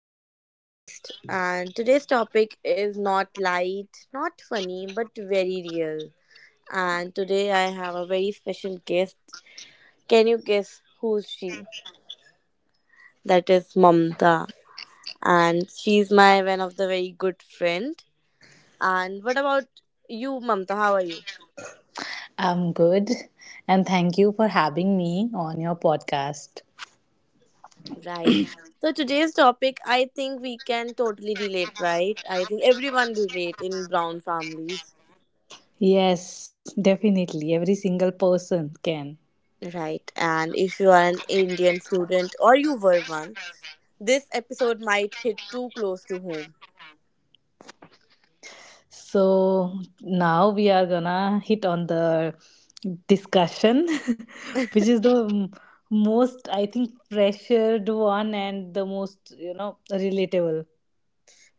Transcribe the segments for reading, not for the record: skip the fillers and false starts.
to the podcast. And today's topic is not light, not funny, but very real. And today I have a very special guest. Can you guess who's she? That is Mamta. And she's my one of the very good friend. And what about you, Mamta? How are you? I'm good, and thank you for having me on your podcast. Right. So today's topic, I think we can totally relate, right? I think everyone relate in brown families. Yes, definitely. Every single person can. Right. And if you are an Indian student or you were one, this episode might hit too close to home. So now we are gonna hit on the discussion, which is the most, I think, pressured one and the most, relatable.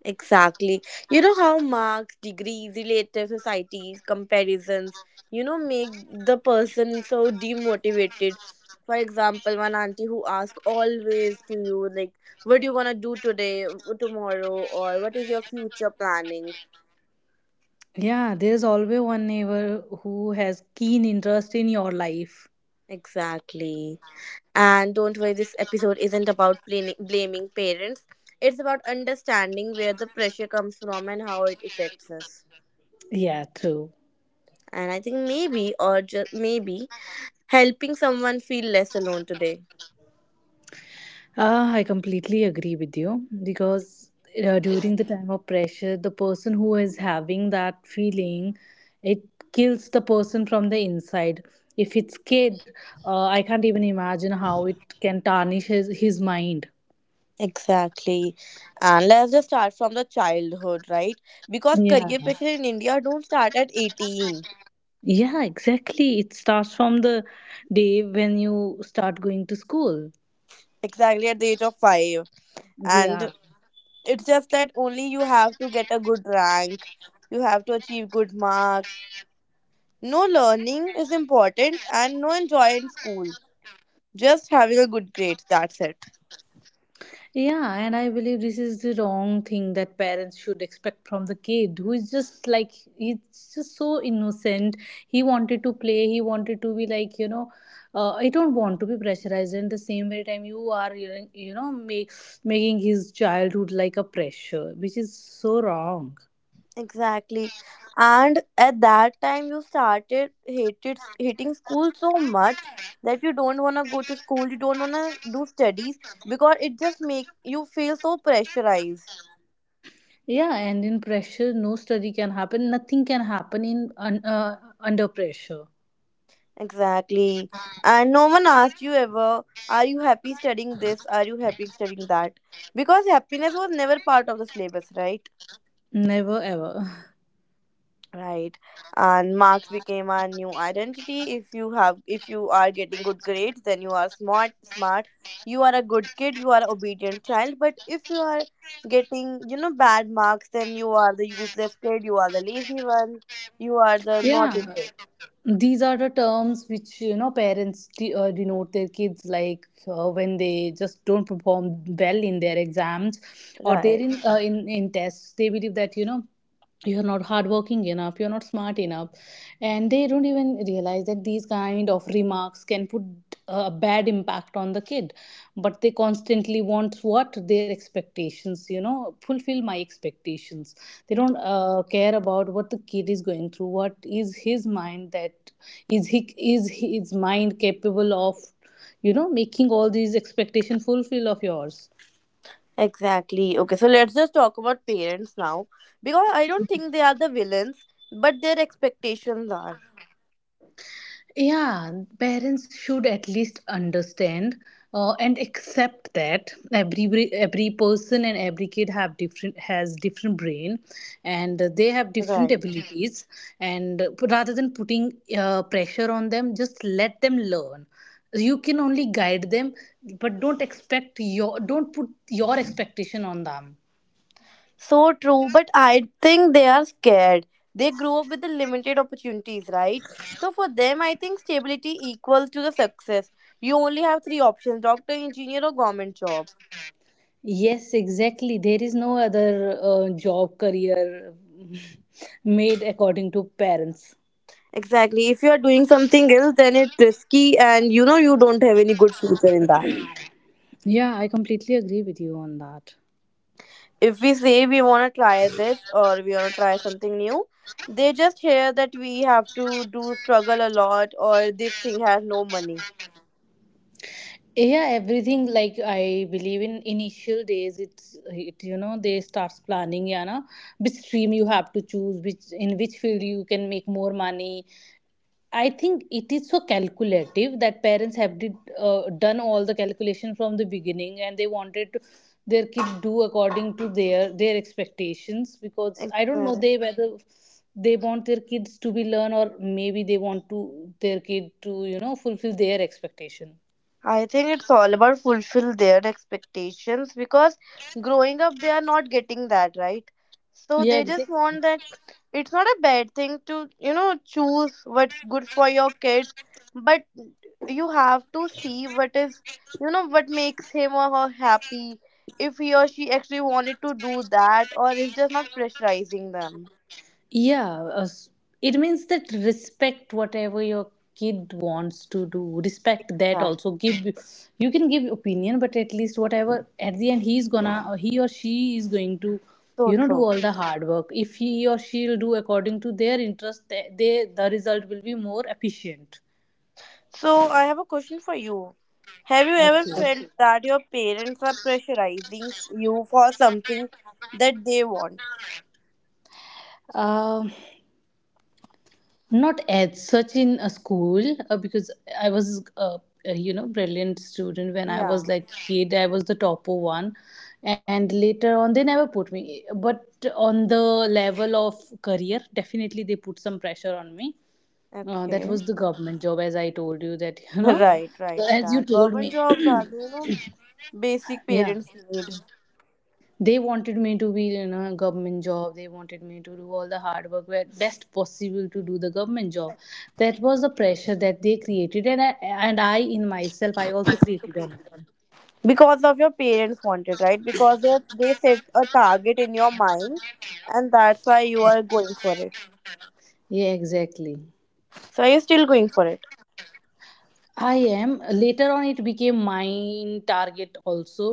Exactly. You know how marks, degrees, relative societies, comparisons, you know, make the person so demotivated. For example, one auntie who asks always to you, like, what do you gonna do today, tomorrow, or what is your future planning? Yeah, there's always one neighbor who has keen interest in your life. Exactly. And don't worry, this episode isn't about blaming parents. It's about understanding where the pressure comes from and how it affects us. Yeah, true. And I think maybe, or just maybe, helping someone feel less alone today. Ah, I completely agree with you because during the time of pressure, the person who is having that feeling, it kills the person from the inside. If it's kid, I can't even imagine how it can tarnish his mind. Exactly. And let's just start from the childhood, right? Because Yeah. career pressure in India don't start at 18. Yeah, exactly. It starts from the day when you start going to school. Exactly at the age of 5. And Yeah. it's just that only you have to get a good rank. You have to achieve good marks. No learning is important and no enjoy in school. Just having a good grade, that's it. Yeah, and I believe this is the wrong thing that parents should expect from the kid who is just like he's just so innocent. He wanted to play, he wanted to be like, I don't want to be pressurized. And the same way time you making his childhood like a pressure, which is so wrong. Exactly. And at that time you started hated hating school so much that you don't want to go to school, you don't want to do studies because it just make you feel so pressurized. Yeah, and in pressure, no study can happen. Nothing can happen in under pressure. Exactly. And no one asked you ever, are you happy studying this? Are you happy studying that? Because happiness was never part of the syllabus, right? Never ever. Right. And marks became our new identity. If you are getting good grades, then you are smart. You are a good kid, you are obedient child. But if you are getting, you know, bad marks, then you are the useless kid, you are the lazy one, you are the naughty Yeah. kid. These are the terms which, you know, parents denote their kids like, when they just don't perform well in their exams or they're in, Right. In tests. They believe that, you know, you're not hardworking enough, you're not smart enough, and they don't even realize that these kind of remarks can put a bad impact on the kid. But they constantly want what their expectations, you know, fulfill my expectations. They don't, care about what the kid is going through, what is his mind, that is his mind capable of, you know, making all these expectation fulfill of yours. Exactly. Okay, so let's just talk about parents now. Because I don't think they are the villains, but their expectations are. Yeah, parents should at least understand, and accept that every person and every kid have different has different brain, and they have different, mhm, Right. abilities. And rather than putting pressure on them, just let them learn. You can only guide them, but don't put your expectation on them. So true, but I think they are scared. They grew up with the limited opportunities, right? So for them, I think stability equals to the success. You only have three options: doctor, engineer, or government job. Yes, exactly. There is no other job career made according to parents. Exactly. If you are doing something else, then it's risky, and you know you don't have any good future in that. Yeah, I completely agree with you on that. If we say we want to try this or we want to try something new, they just hear that we have to do struggle a lot or this thing has no money. Yeah, everything, like, I believe in initial days you know, they starts planning, yeah, na, which stream you have to choose, which in which field you can make more money. I think it is so calculative that parents have done all the calculation from the beginning, and they wanted to, their kid do according to their expectations, because I don't know Exactly. they whether they want their kids to be learn, or maybe they want to their kid to, you know, fulfill their expectation. I think it's all about fulfill their expectations because growing up they are not getting that right. So Yeah, they just exactly. want that it's not a bad thing to you know choose what's good for your kids, but you have to see what is you know what makes him or her happy. If he or she actually wanted to do that, or is just not pressurizing them. Yeah, it means that respect whatever your kid wants to do. Respect that That's also. Give, you can give opinion, but at least whatever at the end he's gonna, or he or she is going to, so you know, do true. all the hard work. If he or she'll do according to their interest, the result will be more efficient. So I have a question for you. Have you ever Okay. felt, okay, that your parents are pressurizing you for something that they want? Um, not as such in a school, because I was a, you know, brilliant student. When I Yeah. was like kid, I was the topper one, and later on they never put me, but on the level of career, definitely they put some pressure on me. That Okay. was the government job, as I told you that, you know, Right, right. as you That told government me. jobs are, the, you know, basic Yeah, parents need they wanted me to be in a government job, they wanted me to do all the hard work where best possible to do the government job. That was the pressure that they created, and I in myself I also created on me. because of your parents wanted, right? Because they set a target in your mind, and that's why you are going for it. Yeah, exactly. So you're still going for it. I, am later on it became my target also,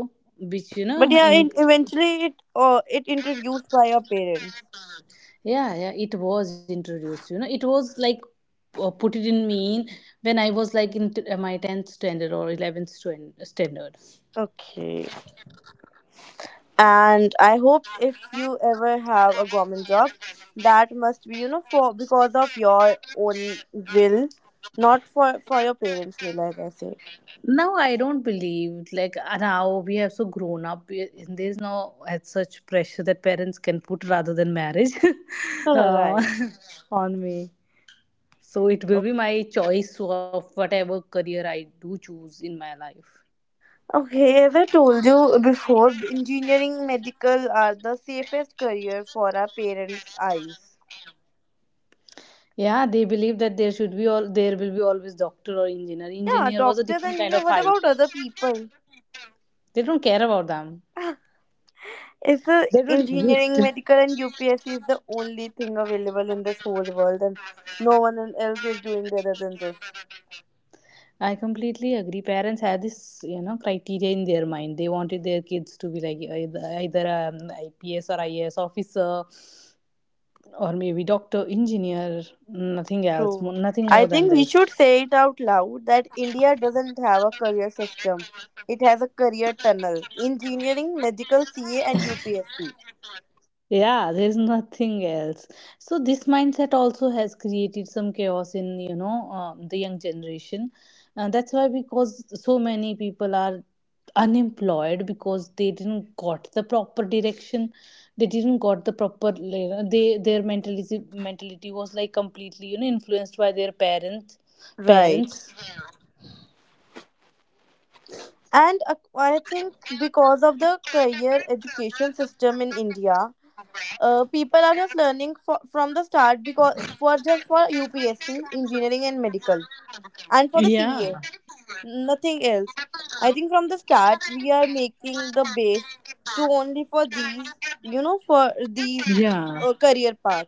which, you know, But yeah, in, in, eventually it introduced by your parents. yeah, yeah, it was introduced, you know. It was like, put it in me in when I was like in my 10th standard or 11th standard. Okay. And I hope if you ever have a government job, that must be you know for because of your own will, not for your parents will as I say, Now I don't believe like, now we have so grown up, and there's now as such pressure that parents can put rather than marriage all uh, right. on me. So it will be okay my choice of whatever career I do choose in my life. Okay, as I told you before, engineering, medical are the safest career for our parents eyes. Yeah, they believe that there will be always doctor or engineer. Yeah, Engineer was a doctors, different kind of engineer, what hype. about other people? They don't care about them. Is the They don't engineering, exist. medical and UPSC is the only thing available in this whole world, and no one else is doing better than this. I completely agree. Parents had this, you know, criteria in their mind. They wanted their kids to be like either an IPS or IAS officer, or maybe doctor, engineer. Nothing else. True. Nothing I more than think we this. should say it out loud that India doesn't have a career system. It has a career tunnel. Engineering, medical, CA, and UPSC. Yeah, there's nothing else. So this mindset also has created some chaos in, you know, the young generation. That's why because so many people are unemployed, because they didn't got the proper direction. They didn't got the proper, you know, they their mentality was like completely, you know, influenced by their parents. Right. Parents. And I think because of the career education system in India, people are just learning from the start because for just for UPSC, engineering, and medical, and for the Yeah. CA. Nothing else. I think from the start we are making the base to only for these, you know, for these Yeah, career path.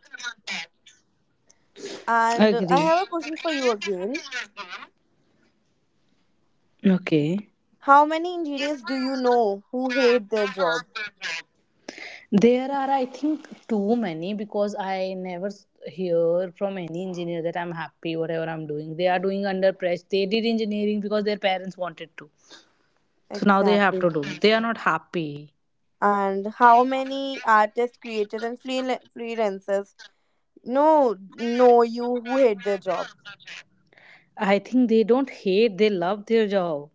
And I agree. have a question for you again. Okay. How many engineers do you know who hate their job? There are, I think, too many, because I never hear from any engineer that I'm happy, whatever I'm doing. They are doing under pressure. They did engineering because their parents wanted to. So now they have Exactly. to do. They are not happy. And how many artists, creators, and freelancers no know you who hate their job? I think they don't hate, they love their job.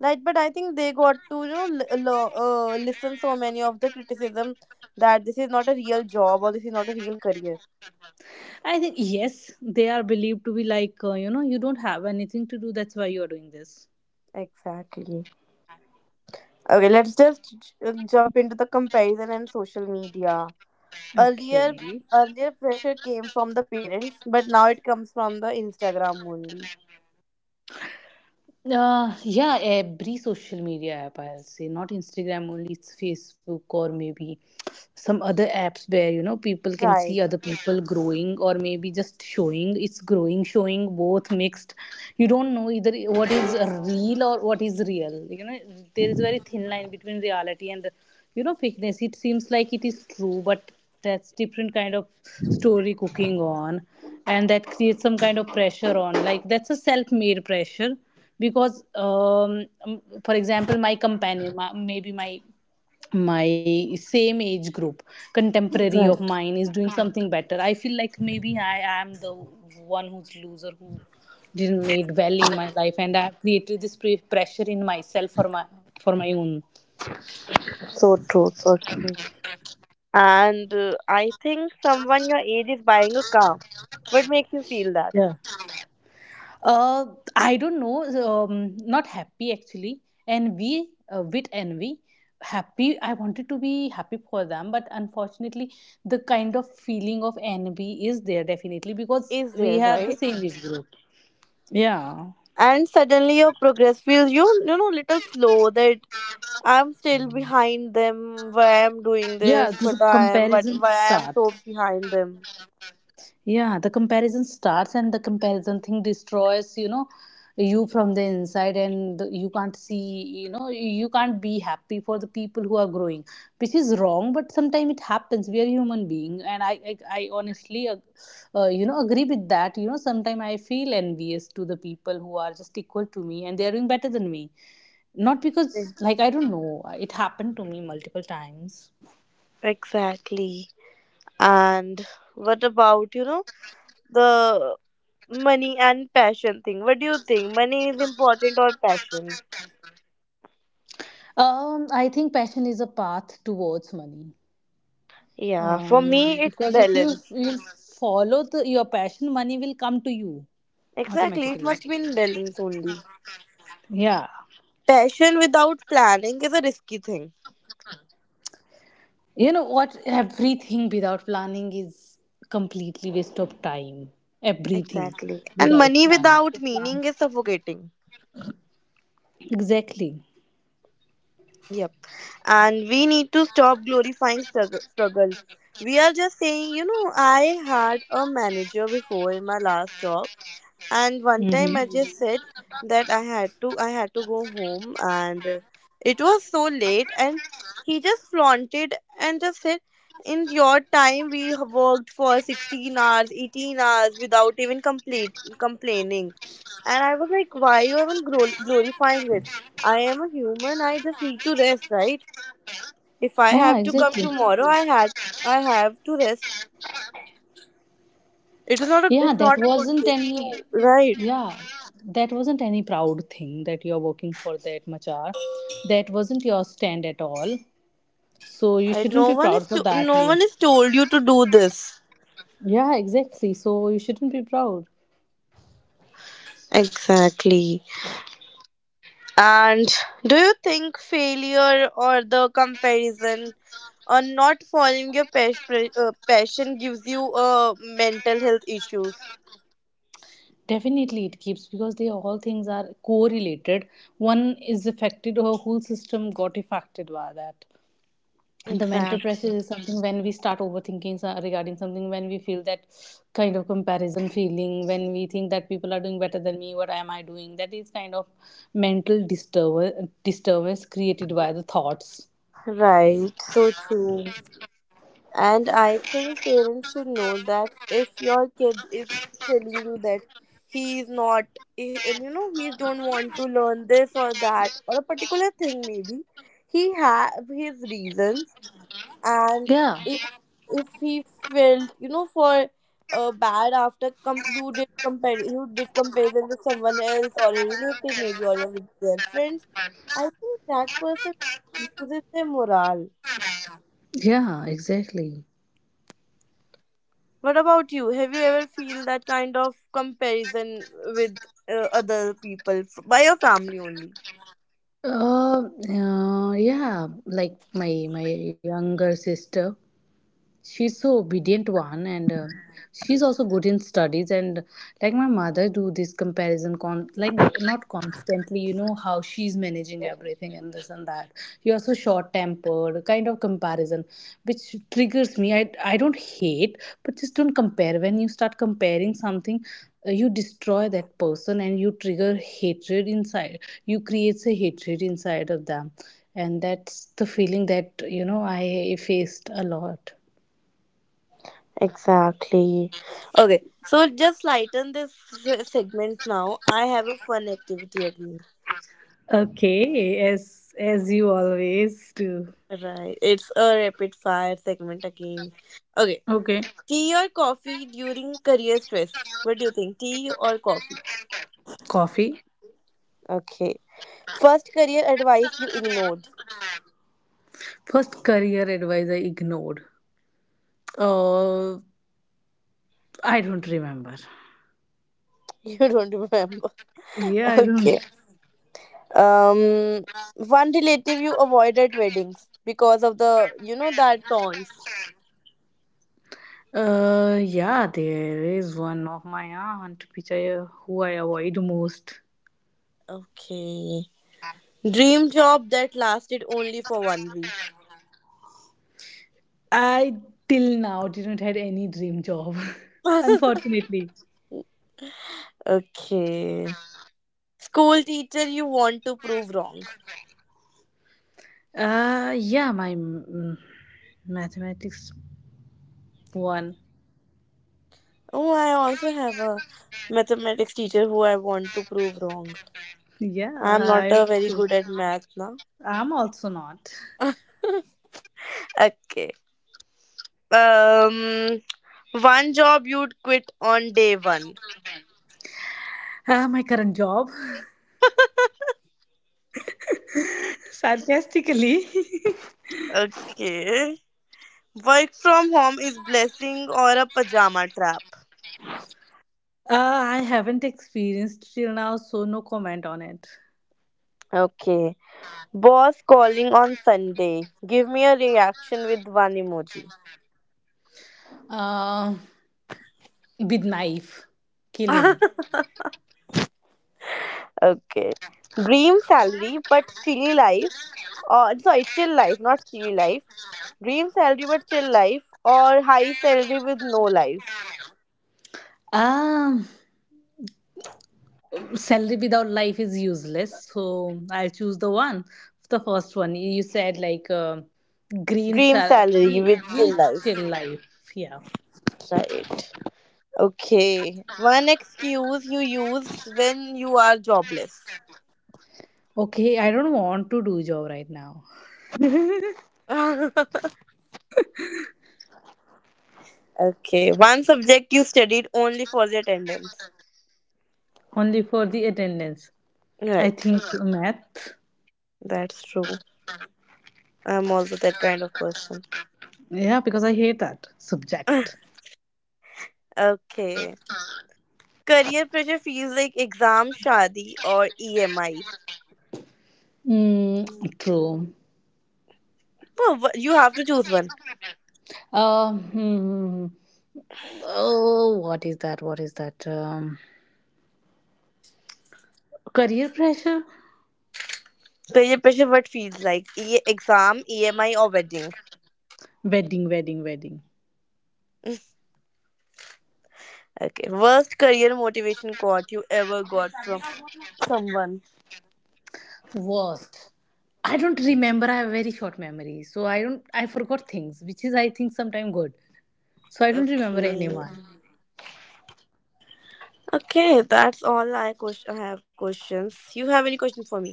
Right, but I think they got to you know listen so many of the criticism that this is not a real job or this is not a real career. I think yes, they are believed to be like, you know, you don't have anything to do. That's why you are doing this. Exactly. Okay, let's just jump into the comparison and social media. Okay. Earlier, earlier pressure came from the parents, but now it comes from the Instagram only. Yeah, every social media app I'll say, not Instagram only, it's Facebook or maybe some other apps where, you know, people can Right, see other right, people growing, or maybe just showing, it's growing, showing both mixed. You don't know either what is real or what is real, you know. There is a very thin line between reality and, you know, fakeness. It seems like it is true, but that's different kind of story cooking on, and that creates some kind of pressure on, like, that's a self-made pressure. Because for example, maybe my, my same age group, contemporary of right. mine is doing something better. I feel like maybe I am the one who's loser, who didn't made well in my life, and I have created this pressure in myself for my own. So true, so true. And I think someone your age is buying a car. What makes you feel that? Yeah, uh I don't know. Um, not happy, actually. Envy, with envy. Happy, I wanted to be happy for them, but unfortunately the kind of feeling of envy is there, definitely, because Is we there, have the right? same age group. Yeah. And suddenly your progress feels you you know little slow that I'm still behind them. Why I'm doing Yeah, this? this What I am, what, comparison why I am starts. so behind them? Yeah, the comparison starts, and the comparison thing destroys, you know, you from the inside, and you can't see, you know, you can't be happy for the people who are growing, which is wrong, but sometimes it happens. We are human being, and I honestly, you know, agree with that. You know, sometimes I feel envious to the people who are just equal to me and they are doing better than me. Not because, Ex- like, I don't know, it happened to me multiple times. exactly. And what about you know the money and passion thing, what do you think, money is important or passion? I think passion is a path towards money. Yeah, for Um, me it's because if you balance. will follow your passion, money will come to you Exactly, it automatically. must be in balance only. Yeah. Passion without planning is a risky thing. You know what? Everything without planning is completely waste of time. Everything Exactly, and without. money without meaning is suffocating. Exactly. Yep. And we need to stop glorifying struggle. We are just saying, you know, I had a manager before in my last job, and one time Mm-hmm. I just, mhm, said that I had to go home, and it was so late, and he just flaunted and just said, "In your time, we have worked for 16 hours, 18 hours without even complete complaining," and I was like, "Why you even glorifying it?" I am a human. I just need to rest, right? If I Yeah, have to come exactly. tomorrow, I had I have to rest. It is not a Yeah, it's that not a good wasn't thing any. to, right. Yeah, that wasn't any proud thing that you're working for that much hour. That wasn't your stand at all. So you I, shouldn't no be one is proud for to, that. no You. one is told you to do this. Yeah, exactly. So you shouldn't be proud. Exactly. And do you think failure or the comparison or not following your passion gives you mental health issues? Definitely, it keeps, because they all things are correlated. One is affected, or whole system got affected by that. And the mental pressure Exactly. is something when we start overthinking regarding something, when we feel that kind of comparison feeling, when we think that people are doing better than me, what am I doing. That is kind of mental disturbance created by the thoughts. Right. So true. And I think parents should know that if your kid is telling you that he is not, he- and you know, he don't want to learn this or that or a particular thing, maybe he have his reasons. And Yeah, if if he felt, you know, for bad after you did compare, you did comparison with someone else or a relative, maybe or your with their friends, I think that person loses their morale. yeah, exactly. What about you? Have you ever feel that kind of comparison with other people by your family only? Uh, yeah, like my my younger sister. She's so obedient one, and she's also good in studies, and like my mother do this comparison con, like not constantly, you know, how she's managing everything and this and that. You are so short tempered kind of comparison, which triggers me. I don't hate, but just don't compare. When you start comparing something, you destroy that person and you trigger hatred inside, you creates a hatred inside of them. And that's the feeling that, you know, I faced a lot. Exactly. Okay, so just lighten this segment now. I have a fun activity again. Okay, as you always do. Right, it's a rapid fire segment again. Okay, Okay. tea or coffee during career stress? What do you think, tea or coffee? Coffee. Okay. First career advice you ignored. First career advice I ignored. Uh, I don't remember. You don't remember. Yeah, I Okay. don't. Um, one relative you avoided weddings because of the, you know, that taunts. Yeah, there is one of my aunt which I, who I avoid most. Okay. Dream job that lasted only for one week. I till now didn't had any dream job, unfortunately. Okay. School teacher you want to prove wrong. Yeah, my mathematics one. Oh, I also have a mathematics teacher who I want to prove wrong. Yeah, I'm not I a very also. good at math now. I'm also not. Okay. Um, one job you'd quit on day one. Ah, my current job. Sarcastically. Okay. Work from home is blessing or a pajama trap. Uh, I haven't experienced till now, so no comment on it. Okay. Boss calling on Sunday. Give me a reaction with one emoji. Uh, with knife, kill him. Okay. Dream salary but chilly life. Or sorry, chill life, not chilly life. Dream salary but chill life. Or high salary with no life. Um, salary without life is useless, so I'll choose the one, the first one. You said like, green Dream sal- salary re- with rich chill life. chill life. Yeah. Right. Okay. One excuse you use when you are jobless. Okay, I don't want to do job right now. Okay, one subject you studied only for the attendance. Only for the attendance. I Right, think math. that's true. I'm also that kind of person. Yeah, because I hate that subject. Okay. Career pressure feels like exam, shadi, or EMI. Mm, Mm. true. Well, you have to choose one. Hmm. Oh, what is that? What is that? Career pressure? Career pressure, what feels like? Exam, EMI, or wedding? Wedding, wedding, wedding. Okay. Worst career motivation quote you ever got from someone. Worst. I don't remember. I have very short memory, so I don't. I forgot things, which is, I think, sometimes good. So I don't remember Okay. anyone. Okay, that's all I, I have questions. You have any questions for me?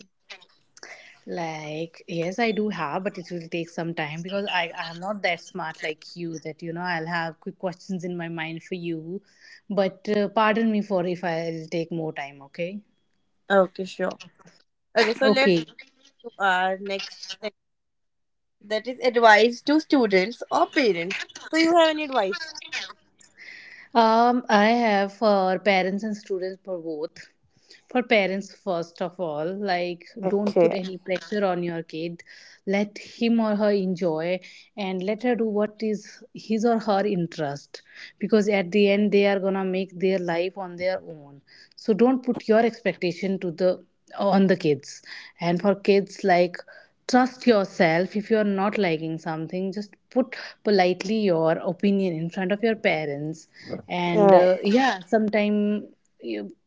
Like yes, I do have, but it will take some time, because I am not that smart like you. That, you know, I'll have quick questions in my mind for you, but pardon me for if I'll take more time. Okay. Okay, sure. Okay, so let's Okay. do our next thing, that is advice to students or parents. So, you have any advice? I have for parents and students for both. For parents, first of all, like, don't put Okay, any pressure on your kid. Let him or her enjoy, and let her do what is his or her interest, because at the end they are going to make their life on their own. So don't put your expectation to the, on the kids. And for kids, like, trust yourself. If you are not liking something, just put politely your opinion in front of your parents. all And right. Yeah, sometime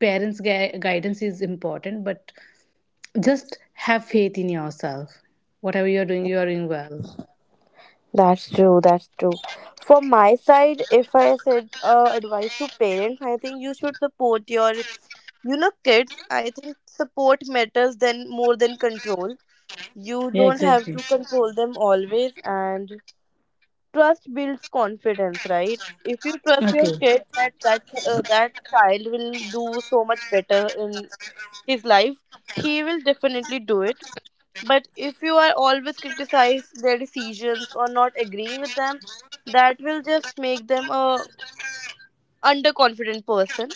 parents' guidance is important, but just have faith in yourself. Whatever you're doing well. That's true. That's true. From my side, if I said advice to parents, I think you should support you know, kids. I think support matters than more than control. You Yeah, don't have exactly. to control them always, and trust builds confidence, right? If you trust your Okay. kid, that that child will do so much better in his life, he will definitely do it. But if you are always criticize their decisions or not agreeing with them, that will just make them a underconfident person.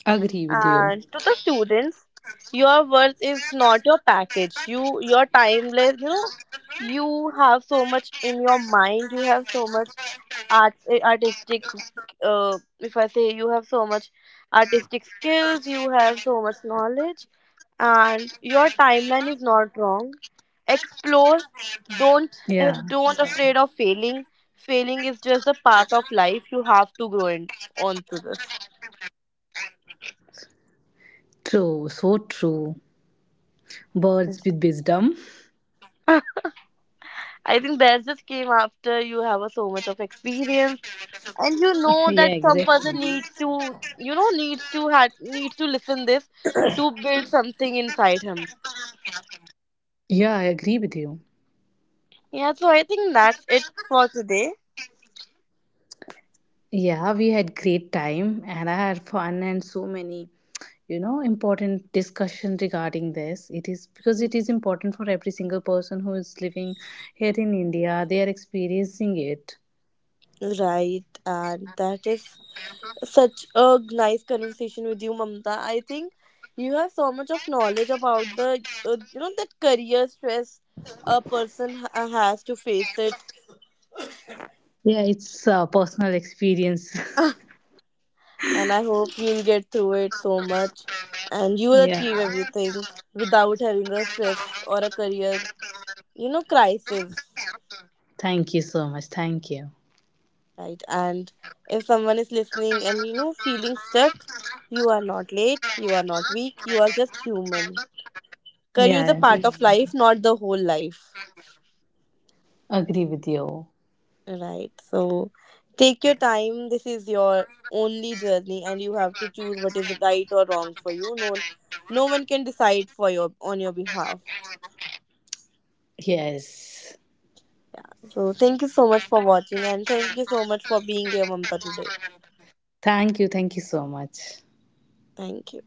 Agree with you. And to the students, your worth is not your package. You your timeless, you know, you have so much in your mind. You have so much artistic if I say you have so much artistic skills, you have so much knowledge and your timeline is not wrong. Yeah. Explore, don't don't, yeah, afraid of failing. Failing is just a part of life, you have to grow in onto this. True. So true. Birds with wisdom. I think that just came after you have a, so much of experience, and you Yeah, know that exactly. some person needs to you know needs to listen this to build something inside him. Yeah, I agree with you. Yeah, so I think that's it for today. Yeah, we had great time and I had fun and so many, you know, important discussion regarding this. It is because it is important for every single person who is living here in India. They are experiencing it. Right, and that is such a nice conversation with you, Mamta. I think you have so much of knowledge about the you know that career stress a person has to face it. Yeah, it's a personal experience. And I hope you'll get through it so much and you will Yeah. achieve everything without having a stress or a career you know crisis. Thank you so much. Thank you. Right. And if someone is listening and you know feeling stuck, you are not late, you are not weak, you are just human. Career is Yeah, a part of, yeah, life, not the whole life. agree with you. Right. So take your time. This is your only journey and you have to choose what is right or wrong for you. No No one can decide for your on your behalf. Yes. So thank you so much for watching and thank you so much for being here Mamta today. Thank you. Thank you so much. Thank you.